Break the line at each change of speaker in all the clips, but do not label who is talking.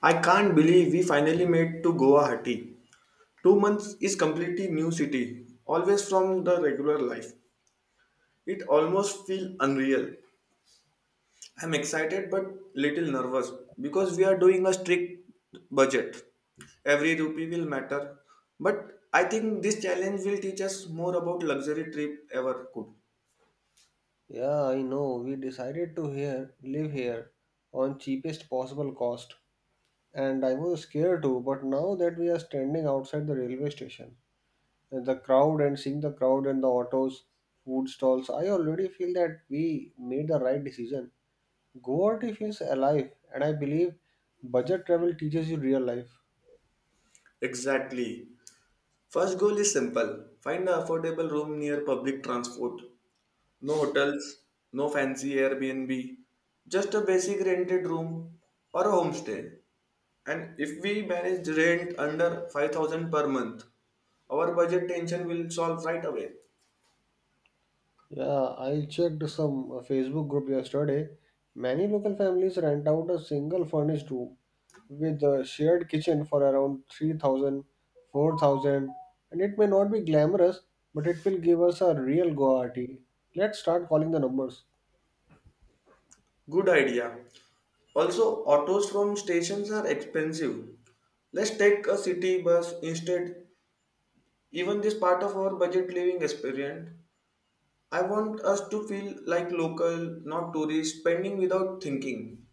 I can't believe we finally made to Guwahati. 2 months is completely new city, always from the regular life. It almost feels unreal. I'm excited but little nervous because we are doing a strict budget. Every rupee will matter. But I think this challenge will teach us more about luxury trip ever could.
Yeah, I know. We decided to here live here on cheapest possible cost, and I was scared too. But now that we are standing outside the railway station, and the crowd and seeing the crowd and the autos, food stalls, I already feel that we made the right decision. Guwahati feels alive, and I believe budget travel teaches you real life.
Exactly. First goal is simple. Find an affordable room near public transport. No hotels, no fancy Airbnb, just a basic rented room or a homestay. And if we manage rent under 5,000 per month, our budget tension will solve right away.
Yeah, I checked some Facebook group yesterday. Many local families rent out a single furnished room with a shared kitchen for around 3,000, 4,000, and it may not be glamorous but it will give us a real guarantee. Let's start calling the numbers.
Good idea. Also, autos from stations are expensive. Let's take a city bus instead. Even this part of our budget living experience, I want us to feel like local, not tourists, spending without thinking.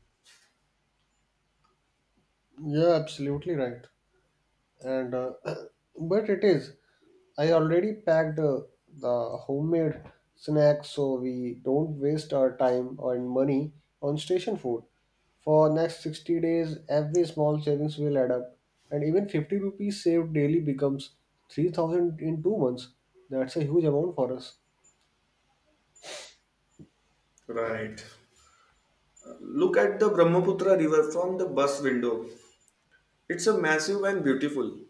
Yeah, absolutely right. And but it is, I already packed the homemade snacks so we don't waste our time and money on station food. For next 60 days, every small savings will add up, and even 50 rupees saved daily becomes 3,000 in 2 months. That's a huge amount for us.
Right. Look at the Brahmaputra River from the bus window. It's a massive and beautiful.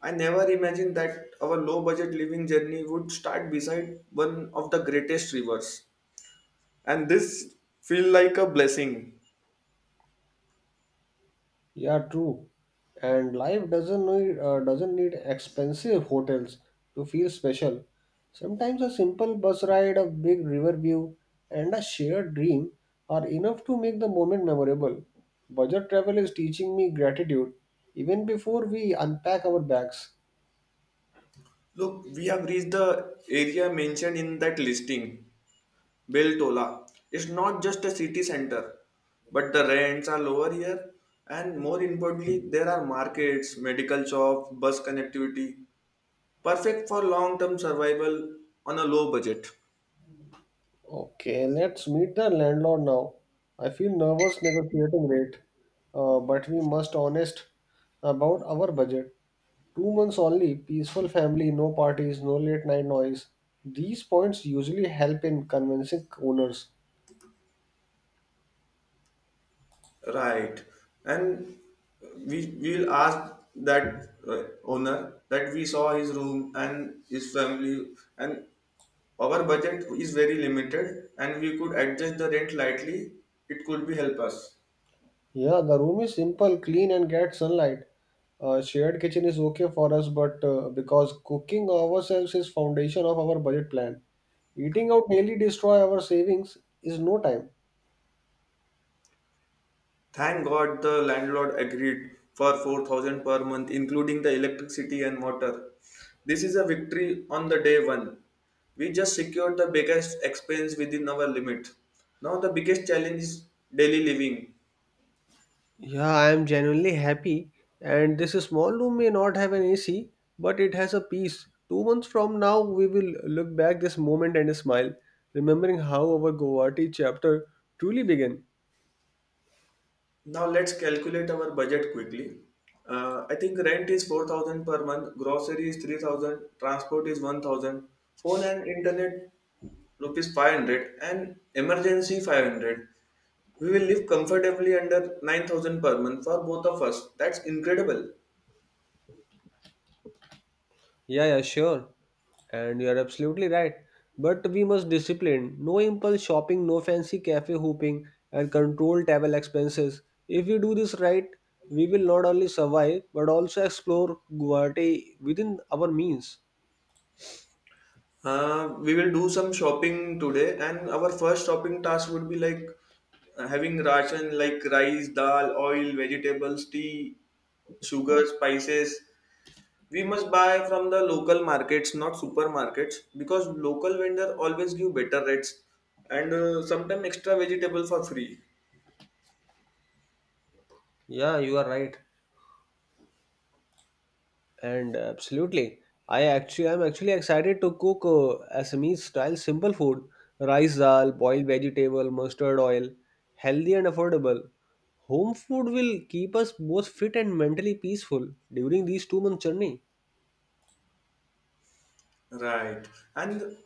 I never imagined that our low budget living journey would start beside one of the greatest rivers. And this feel like a blessing.
Yeah, true. And life doesn't need expensive hotels to feel special. Sometimes a simple bus ride, a big river view, and a shared dream are enough to make the moment memorable. Budget travel is teaching me gratitude even before we unpack our bags.
Look, we have reached the area mentioned in that listing, Beltola. It's not just a city center, but the rents are lower here, and more importantly there are markets, medical shops, bus connectivity, perfect for long term survival on a low budget.
Okay, let's meet the landlord now. I feel nervous negotiating rate, but we must honest about our budget. 2 months only, peaceful family, no parties, no late night noise. These points usually help in convincing owners.
Right. And we will ask that owner that we saw his room and his family, and our budget is very limited and we could adjust the rent lightly, it could be help us.
Yeah, the room is simple, clean, and get sunlight. Shared kitchen is okay for us, but because cooking ourselves is foundation of our budget plan, eating out daily destroy our savings is no time.
Thank God the landlord agreed for 4,000 per month including the electricity and water. This is a victory on the day 1. We just secured the biggest expense within our limit. Now the biggest challenge is daily living.
Yeah, I am genuinely happy. And this small room may not have an AC, but it has a peace. 2 months from now, we will look back this moment and smile, remembering how our Guwahati chapter truly began.
Now let's calculate our budget quickly. I think rent is 4,000 per month, grocery is 3,000, transport is 1,000, phone and internet rupees 500 and emergency 500. We will live comfortably under 9,000 per month for both of us. That's incredible.
Yeah, yeah, sure. And you are absolutely right. But we must discipline. No impulse shopping, no fancy cafe hooping, and control travel expenses. If we do this right, we will not only survive but also explore Guwahati within our means.
We will do some shopping today, and our first shopping task would be like having ration like rice, dal, oil, vegetables, tea, sugar, spices. We must buy from the local markets, not supermarkets, because local vendor always give better rates and sometimes extra vegetable for free.
Yeah, you are right. And absolutely, I'm actually excited to cook Assamese style simple food, rice dal, boiled vegetable, mustard oil, healthy and affordable. Home food will keep us both fit and mentally peaceful during these 2 month journey.
Right. And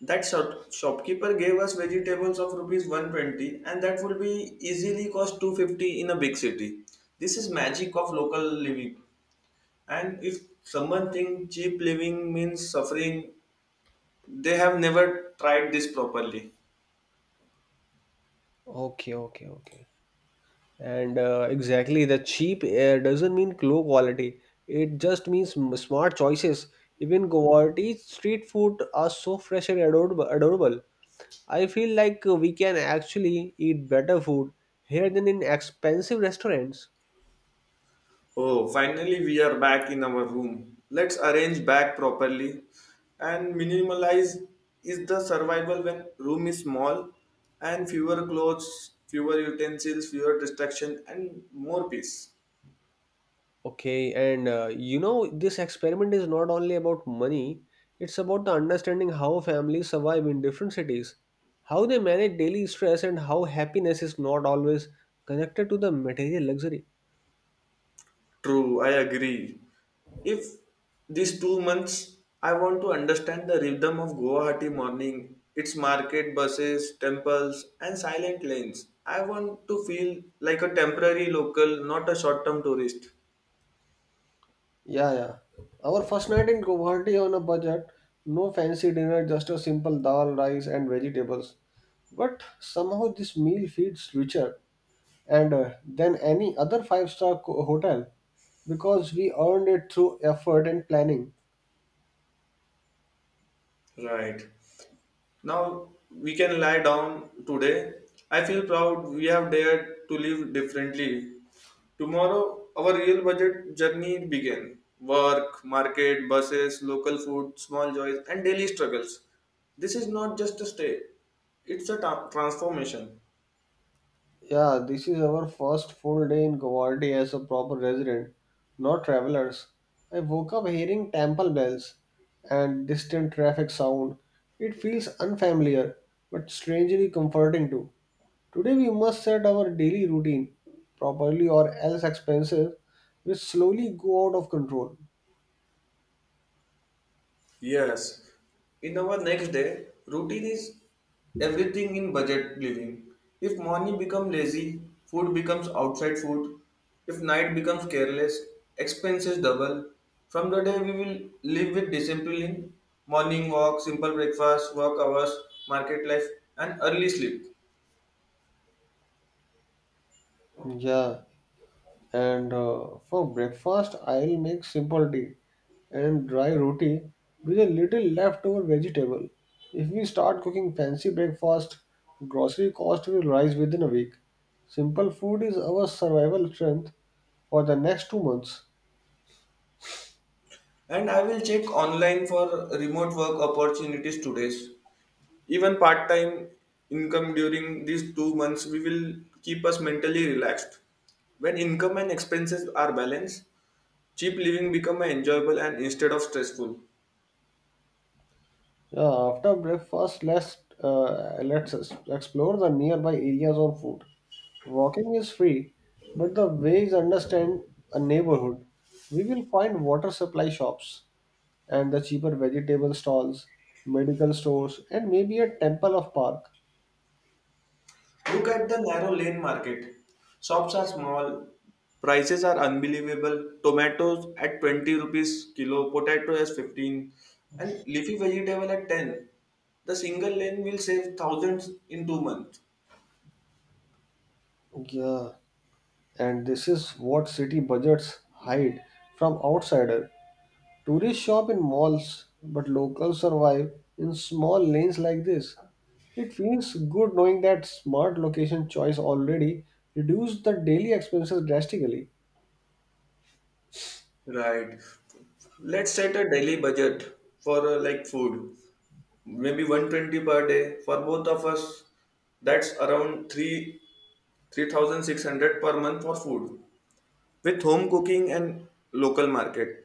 that shop, shopkeeper gave us vegetables of rupees 120 and that would be easily cost 250 in a big city. This is magic of local living. And if someone think cheap living means suffering, they have never tried this properly.
Okay, okay, okay. And exactly, the cheap doesn't mean low quality. It just means smart choices. Even Guwahati street food are so fresh and adorable. Adorable. I feel like we can actually eat better food here than in expensive restaurants.
Oh, finally we are back in our room. Let's arrange back properly and minimalize is the survival when room is small, and fewer clothes, fewer utensils, fewer distraction and more peace.
Okay, and you know, this experiment is not only about money, it's about the understanding how families survive in different cities, how they manage daily stress, and how happiness is not always connected to the material luxury.
True, I agree. If these 2 months, I want to understand the rhythm of Guwahati morning, its market, buses, temples and silent lanes. I want to feel like a temporary local, not a short-term tourist.
Yeah, yeah. Our first night in Guwahati on a budget, no fancy dinner, just a simple dal, rice, and vegetables. But somehow this meal feels richer. And than any other five-star hotel, because we earned it through effort and planning.
Right. Now we can lie down today. I feel proud we have dared to live differently. Tomorrow, our real budget journey begin. Work, market, buses, local food, small joys, and daily struggles. This is not just a stay, it's a transformation.
Yeah, this is our first full day in Guwahati as a proper resident, not travelers. I woke up hearing temple bells and distant traffic sound. It feels unfamiliar but strangely comforting too. Today we must set our daily routine properly or else expenses will slowly go out of control.
Yes. In our next day, routine is everything in budget living. If morning become lazy, food becomes outside food. If night becomes careless, expenses double. From the day we will live with discipline, morning walk, simple breakfast, work hours, market life, and early sleep.
Yeah, and for breakfast I'll make simple tea and dry roti with a little leftover vegetable. If we start cooking fancy breakfast, grocery cost will rise within a week. Simple food is our survival strength for the next 2 months.
And I will check online for remote work opportunities today. Even part time income during these 2 months we will keep us mentally relaxed. When income and expenses are balanced, cheap living become enjoyable and instead of stressful.
Yeah, after breakfast, let's explore the nearby areas on foot. Walking is free, but the ways understand a neighborhood. We will find water supply shops and the cheaper vegetable stalls, medical stores, and maybe a temple of park.
Look at the narrow lane market. Shops are small, prices are unbelievable. Tomatoes at 20 rupees kilo, potato as 15 and leafy vegetable at 10. The single lane will save thousands in 2 months.
Yeah, and this is what city budgets hide from outsider. Tourists shop in malls, but locals survive in small lanes like this. It feels good knowing that smart location choice already reduced the daily expenses drastically.
Right. Let's set a daily budget for like food. Maybe 120 per day for both of us. That's around 3 3600 per month for food. With home cooking and local market,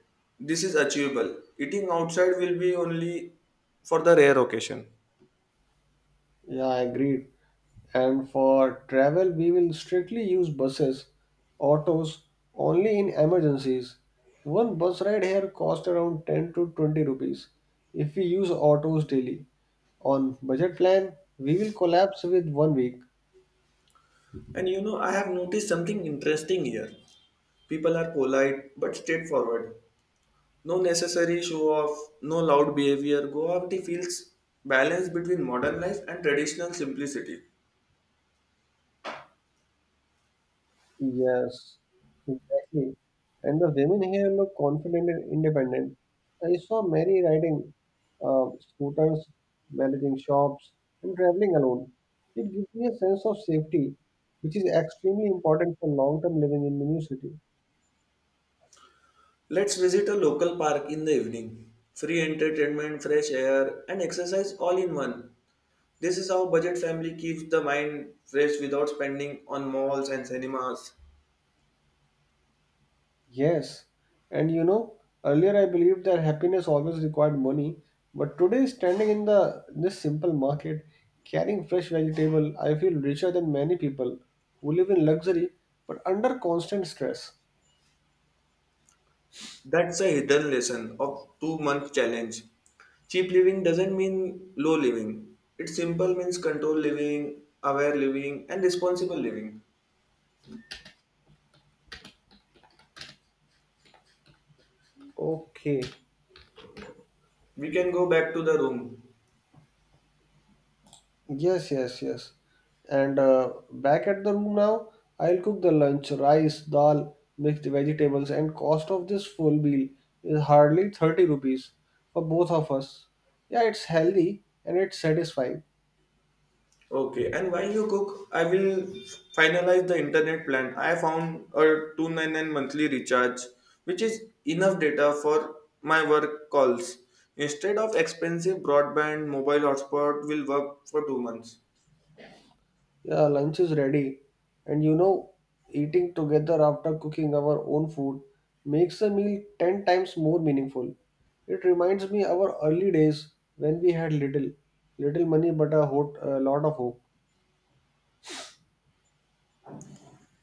this is achievable. Eating outside will be only for the rare occasion.
Yeah, agreed. And for travel, we will strictly use buses, autos only in emergencies. One bus ride here costs around 10 to 20 rupees. If we use autos daily, on budget plan, we will collapse with 1 week.
And you know, I have noticed something interesting here. People are polite but straightforward. No necessary show off, no loud behavior. Guwahati feels balance between modern life and traditional simplicity.
Yes, exactly. And the women here look confident and independent. I saw Mary riding scooters, managing shops, and traveling alone. It gives me a sense of safety, which is extremely important for long-term living in the new city.
Let's visit a local park in the evening. Free entertainment, fresh air, and exercise all in one. This is how budget family keeps the mind fresh without spending on malls and cinemas.
Yes, and you know, earlier I believed that happiness always required money, but today standing in the this simple market carrying fresh vegetable, I feel richer than many people who live in luxury but under constant stress.
That's a hidden lesson of 2 month challenge. Cheap living doesn't mean low living. It simple means controlled living, aware living, and responsible living.
Okay.
We can go back to the room.
Yes, yes, yes. And back at the room now, I'll cook the lunch, rice, dal, mixed vegetables, and cost of this full meal is hardly 30 rupees for both of us. Yeah, it's healthy and it's satisfying.
Okay, and while you cook, I will finalize the internet plan. I found a 299 monthly recharge, which is enough data for my work calls. Instead of expensive broadband, mobile hotspot will work for 2 months.
Yeah, lunch is ready. And you know, eating together after cooking our own food makes the meal 10 times more meaningful. It reminds me our early days when we had little money but a lot of hope.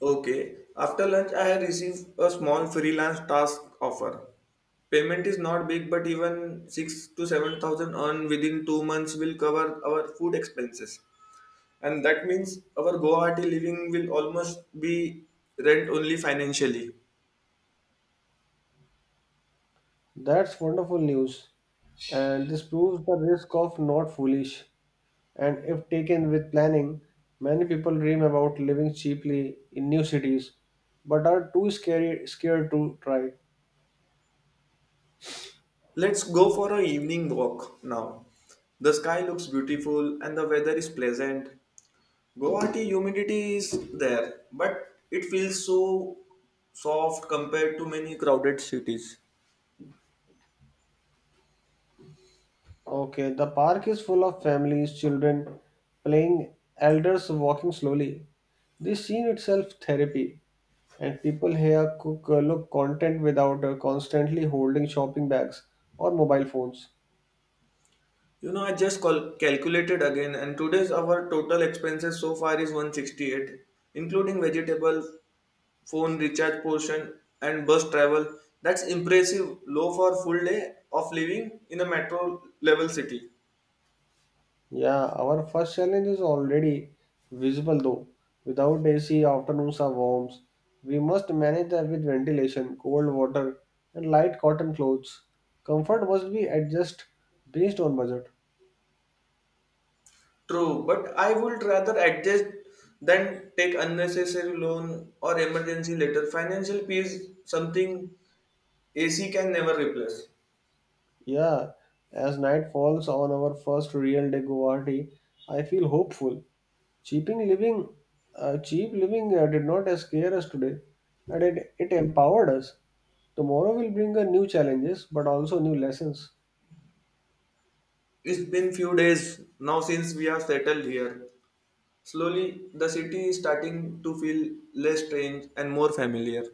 Okay, after lunch, I have received a small freelance task offer. Payment is not big, but even six to seven thousand earned within 2 months will cover our food expenses, and that means our Guwahati living will almost be rent only financially.
That's wonderful news. And this proves the risk of not foolish. And if taken with planning, many people dream about living cheaply in new cities but are too scared to try.
Let's go for an evening walk now. The sky looks beautiful and the weather is pleasant. Guwahati humidity is there, but it feels so soft compared to many crowded cities.
Okay, the park is full of families, children playing, elders walking slowly. This scene itself therapy, and people here cook, look content without constantly holding shopping bags or mobile phones.
You know, I just calculated again, and today's our total expenses so far is 168, including vegetable, phone recharge portion and bus travel. That's impressive low for full day of living in a metro level city.
Yeah, our first challenge is already visible though. Without AC, afternoons are warm. We must manage that with ventilation, cold water, and light cotton clothes. Comfort must be adjusted based on budget.
True, but I would rather adjust than take unnecessary loan or emergency later. Financial peace something AC can never replace.
Yeah, as night falls on our first real day Guwahati, I feel hopeful. Cheaping living, cheap living did not scare us today, and it empowered us. Tomorrow will bring a new challenges, but also new lessons.
It's been few days now since we are settled here. Slowly the city is starting to feel less strange and more familiar.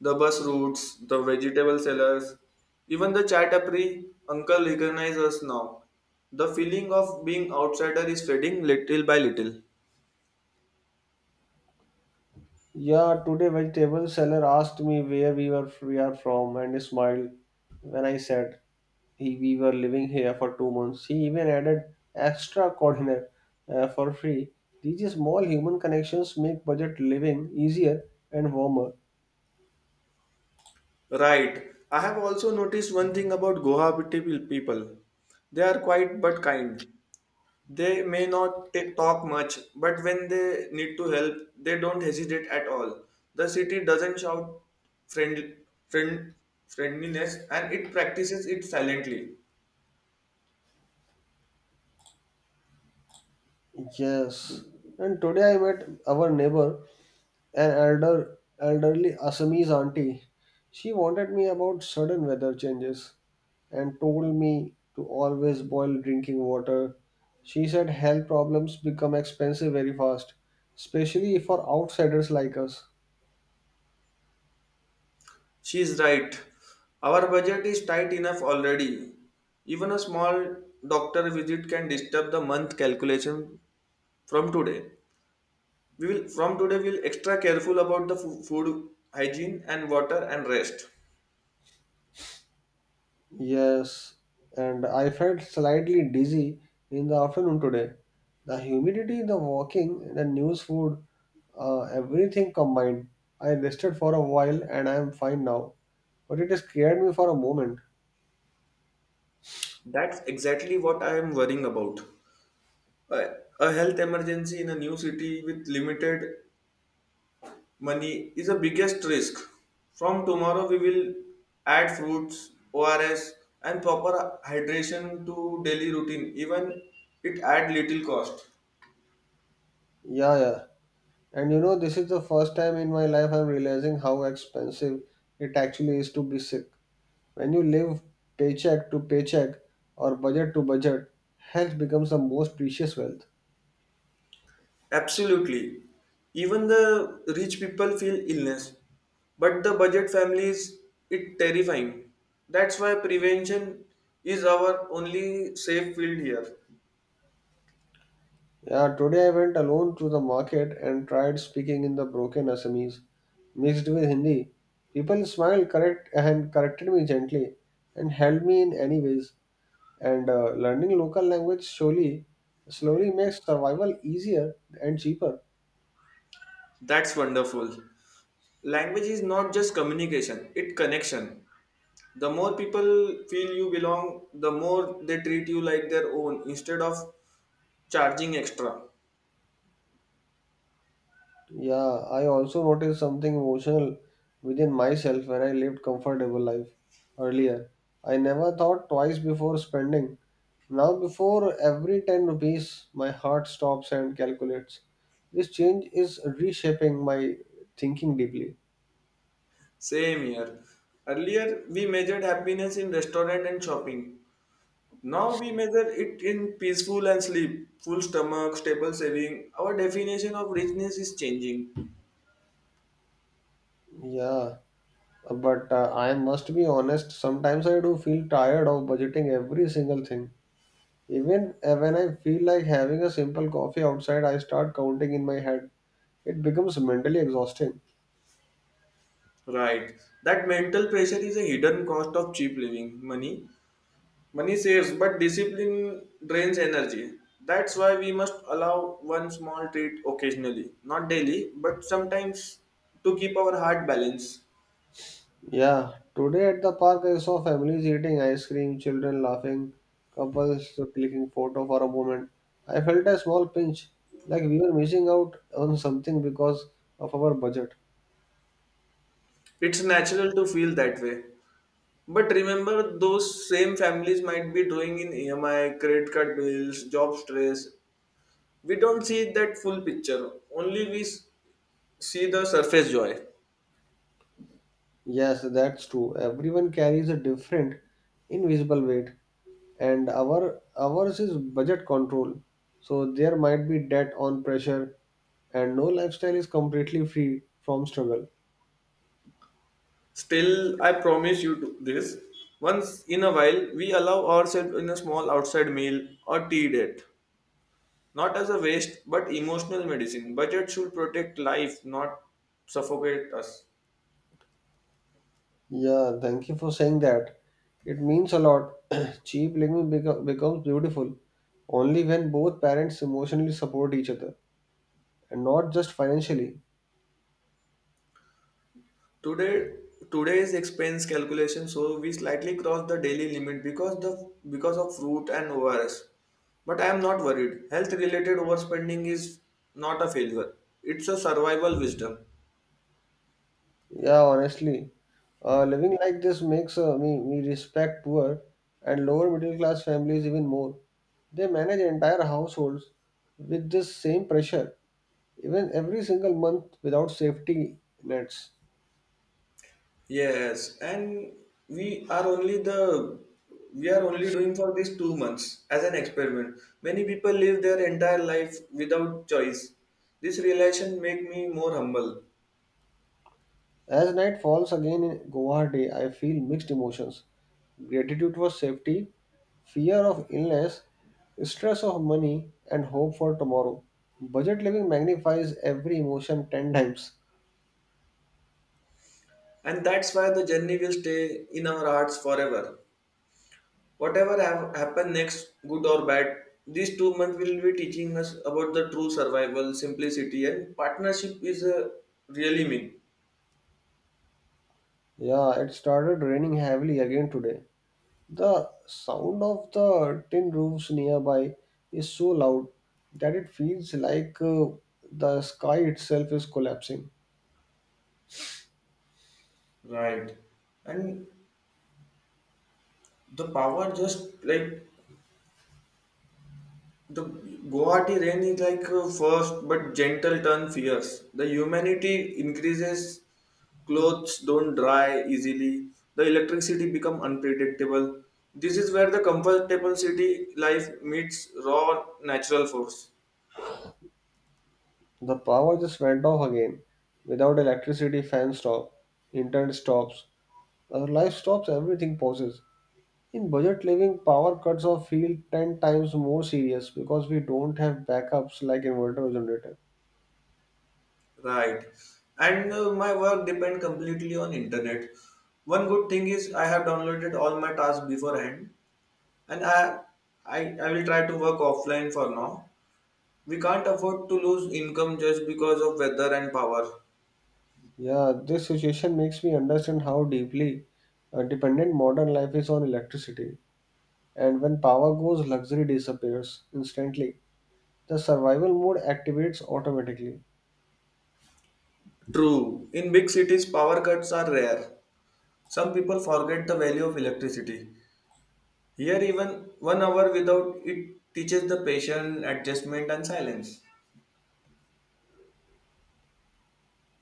The bus routes, the vegetable sellers, even the chaitapri uncle recognize us now. The feeling of being outsider is fading little by little.
Yeah, today vegetable seller asked me where we are from and he smiled when I said he we were living here for 2 months. He even added extra coordinate for free. These small human connections make budget living easier and warmer.
Right. I have also noticed one thing about Guwahati people. They are quiet but kind. They may not talk much, but when they need to help, they don't hesitate at all. The city doesn't shout friend, friend, friendliness and it practices it silently.
Yes. And today I met our neighbor, an elderly Assamese auntie. She warned me about sudden weather changes and told me to always boil drinking water. She said health problems become expensive very fast, especially for outsiders like us.
She is right. Our budget is tight enough already. Even a small doctor visit can disturb the month calculation from today. We'll extra careful about the food hygiene and water and rest.
Yes, and I felt slightly dizzy in the afternoon today. The humidity, the walking, the news food, everything combined. I rested for a while and I am fine now. But it scared me for a moment.
That's exactly what I am worrying about. A, a health emergency in a new city with limited money is the biggest risk. From tomorrow, we will add fruits, ORS, and proper hydration to daily routine. Even it add little cost.
Yeah, yeah. And you know, this is the first time in my life I'm realizing how expensive it actually is to be sick. When you live paycheck to paycheck or budget to budget, health becomes the most precious wealth.
Absolutely. Even the rich people feel illness, but the budget families it terrifying. That's why prevention is our only safe field here.
Yeah, today I went alone to the market and tried speaking in the broken Assamese mixed with Hindi. People smiled correct and corrected me gently and helped me in any ways. And learning local language slowly makes survival easier and cheaper.
That's wonderful. Language is not just communication, it connection. The more people feel you belong, the more they treat you like their own instead of charging extra.
Yeah, I also noticed something emotional within myself when I lived comfortable life earlier. I never thought twice before spending. Now before every 10 rupees my heart stops and calculates. This change is reshaping my thinking deeply.
Same here. Earlier we measured happiness in restaurant and shopping, now we measure it in peaceful and sleep, full stomach, stable saving. Our definition of richness is changing.
Yeah, but I must be honest, sometimes I do feel tired of budgeting every single thing. Even when I feel like having a simple coffee outside, I start counting in my head. It becomes mentally exhausting.
Right, that mental pressure is a hidden cost of cheap living. Money Money saves, but discipline drains energy. That's why we must allow one small treat occasionally, not daily, but sometimes to keep our heart balanced.
Yeah, today at the park, I saw families eating ice cream, children laughing, couples clicking photo for a moment. I felt a small pinch, like we were missing out on something because of our budget.
It's natural to feel that way. But remember, those same families might be drawing in EMI, credit card bills, job stress. We don't see that full picture, only we see the surface joy.
Yes, that's true. Everyone carries a different invisible weight, and ours is budget control. So there might be debt on pressure, and no lifestyle is completely free from struggle.
Still, I promise you this. Once in a while, we allow ourselves in a small outside meal or tea date. Not as a waste, but emotional medicine. Budget should protect life, not suffocate us.
Yeah, thank you for saying that. It means a lot. Cheap living becomes beautiful only when both parents emotionally support each other, and not just financially.
Today, today's expense calculation, so we slightly cross the daily limit because the because of fruit and ORS. But I am not worried. Health related overspending is not a failure. It's a survival wisdom.
Yeah, honestly, living like this makes me respect poor and lower middle class families even more. They manage entire households with this same pressure, even every single month without safety nets.
Yes, and we are only the we are only doing for these 2 months as an experiment. Many people live their entire life without choice. This realization make me more humble,
As night falls again in Guwahati, I feel mixed emotions gratitude for safety, fear of illness, stress of money, and hope for tomorrow. Budget living magnifies every emotion 10 times.
and that's why the journey will stay in our hearts forever. Whatever have happen next, good or bad, these 2 months will be teaching us about the true survival, simplicity, and partnership is a really mean.
Yeah, it started raining heavily again today. The sound of the tin roofs nearby is so loud that it feels like the sky itself is collapsing.
Right. And the power just like the Guwahati rain is like a first but gentle turn fierce. The humidity increases, clothes don't dry easily, the electricity become unpredictable. This is where the comfortable city life meets raw natural force.
The power just went off again. Without electricity, fans stop, internet stops, our life stops, everything pauses. In budget living, power cuts are feel 10 times more serious because we don't have backups like inverter or generator.
Right. And my work depend completely on internet. One good thing is I have downloaded all my tasks beforehand, and I will try to work offline for now. We can't afford to lose income just because of weather and power.
Yeah, this situation makes me understand how deeply dependent modern life is on electricity. And when power goes, luxury disappears instantly. The survival mode activates automatically.
True. In big cities, power cuts are rare. Some people forget the value of electricity. Here, even 1 hour without it teaches the patience, adjustment, and silence.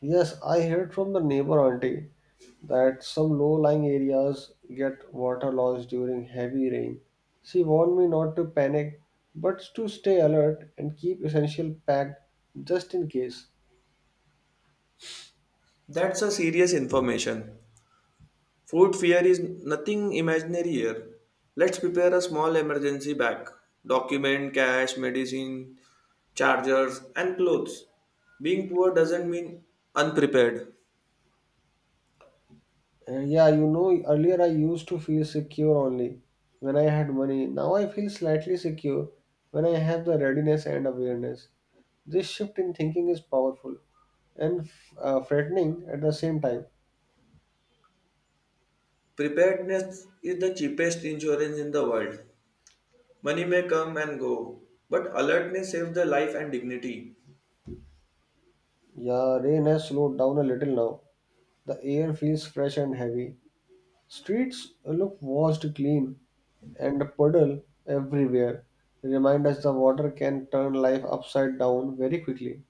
Yes, I heard from the neighbor auntie that some low lying areas get water loss during heavy rain. She warned me not to panic but to stay alert and keep essential packed just in case.
That's a serious information. Food fear is nothing imaginary here. Let's prepare a small emergency bag, document, cash, medicine, chargers, and clothes. Being poor doesn't mean unprepared.
Yeah, you know, earlier I used to feel secure only when I had money. Now I feel slightly secure when I have the readiness and awareness. This shift in thinking is powerful and frightening at the same time.
Preparedness is the cheapest insurance in the world. Money may come and go, but alertness saves the life and dignity.
Yeah, rain has slowed down a little now. The air feels fresh and heavy. Streets look washed clean and puddle everywhere. Remind us the water can turn life upside down very quickly.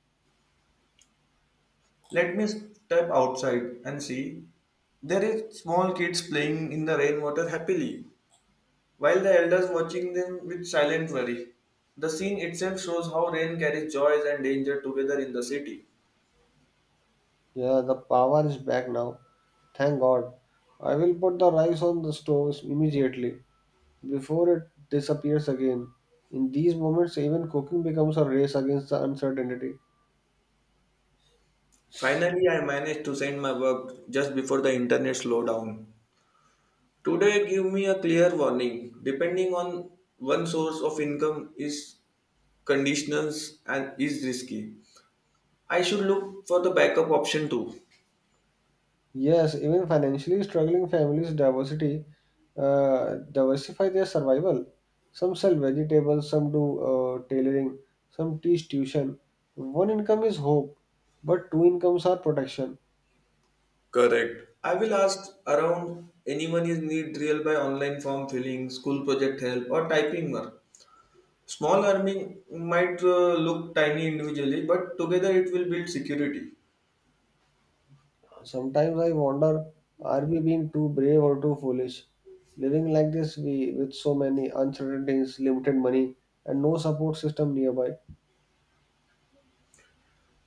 Let me step outside and see. There is small kids playing in the rainwater happily, while the elders watching them with silent worry. The scene itself shows how rain carries joys and danger together in the city.
Yeah, the power is back now. Thank God. I will put the rice on the stove immediately before it disappears again. In these moments, even cooking becomes a race against the uncertainty.
Finally, I managed to send my work just before the internet slowed down. Today, give me a clear warning. Depending on one source of income is conditionals and is risky. I should look for the backup option too.
Yes, even financially struggling families diversity diversify their survival. Some sell vegetables, some do tailoring, some teach tuition. One income is hope, but two incomes are protection.
Correct. I will ask around anyone is need real by online form filling, school project help, or typing work. Small earning might look tiny individually, but together it will build security.
Sometimes I wonder, are we being too brave or too foolish? Living like this, we with so many uncertainties, limited money, and no support system nearby.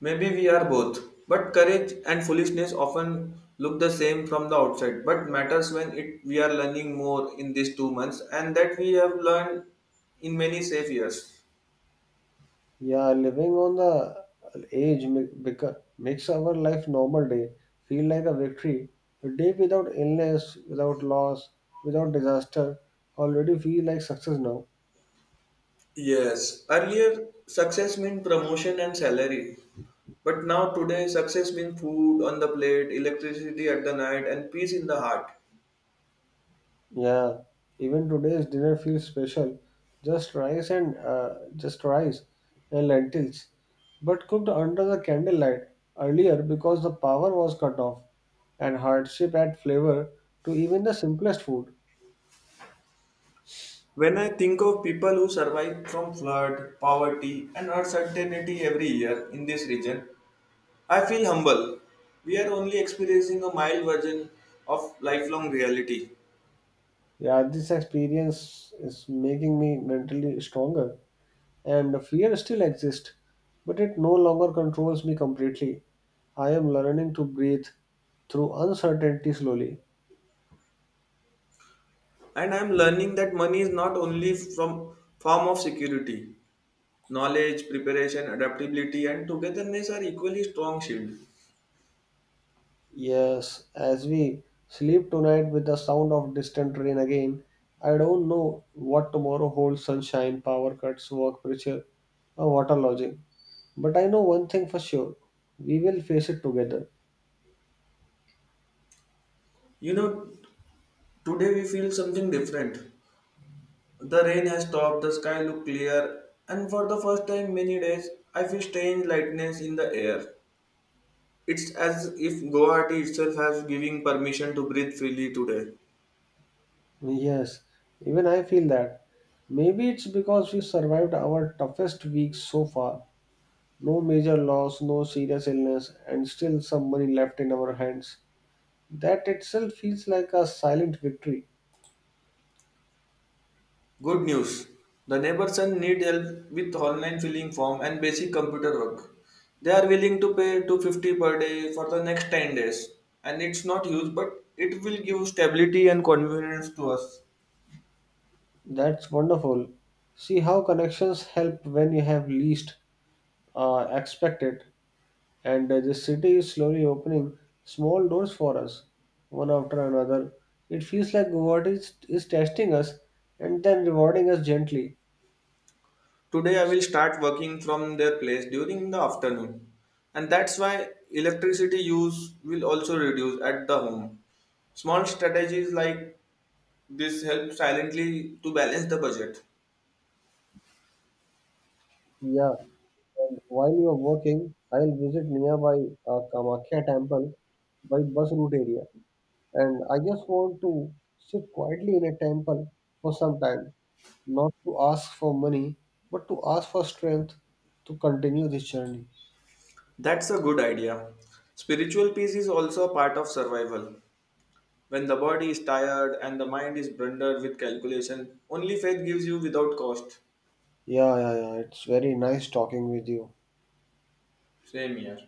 Maybe we are both, but courage and foolishness often look the same from the outside. But matters when it we are learning more in these 2 months, and that we have learned in many safe years.
Yeah, living on the edge makes our life normal day feel like a victory. A day without illness, without loss, without disaster already feel like success now.
Yes, earlier success meant promotion and salary, but now today success means food on the plate, electricity at the night, and peace in the heart.
Yeah, even today's dinner feels special. Just rice and lentils, but cooked under the candlelight earlier because the power was cut off, and hardship add flavor to even the simplest food.
When I think of people who survive from flood, poverty, and uncertainty every year in this region, I feel humble. We are only experiencing a mild version of lifelong reality.
Yeah, this experience is making me mentally stronger, and the fear still exists, but it no longer controls me completely. I am learning to breathe through uncertainty slowly.
And I am learning that money is not only from form of security. Knowledge, preparation, adaptability and togetherness are equally strong shield.
Yes, as we sleep tonight with the sound of distant rain again, I don't know what tomorrow holds sunshine, power cuts, work pressure, or water lodging. But I know one thing for sure we will face it together.
You know, today we feel something different. The rain has stopped, the sky look clear, and for the first time many days, I feel strange lightness in the air. It's as if Guwahati itself has giving permission to breathe freely today.
Yes, even I feel that. Maybe it's because we survived our toughest weeks so far. No major loss, no serious illness, and still some money left in our hands. That itself feels like a silent victory.
Good news. The neighbor's son need help with online filling form and basic computer work. They are willing to pay 250 per day for the next 10 days. And it's not huge, but it will give stability and convenience to us.
That's wonderful. See how connections help when you have least expect it. And the city is slowly opening small doors for us, one after another. It feels like God is testing us and then rewarding us gently.
Today I will start working from their place during the afternoon. And that's why electricity use will also reduce at the home. Small strategies like this help silently to balance the budget.
Yeah, and while you are working, I'll visit nearby Kamakhya temple by bus route area. And I just want to sit quietly in a temple for some time. Not to ask for money, but to ask for strength to continue this journey.
That's a good idea. Spiritual peace is also a part of survival. When the body is tired and the mind is blundered with calculation, only faith gives you without cost.
Yeah, yeah, yeah. It's very nice talking with you.
Same here.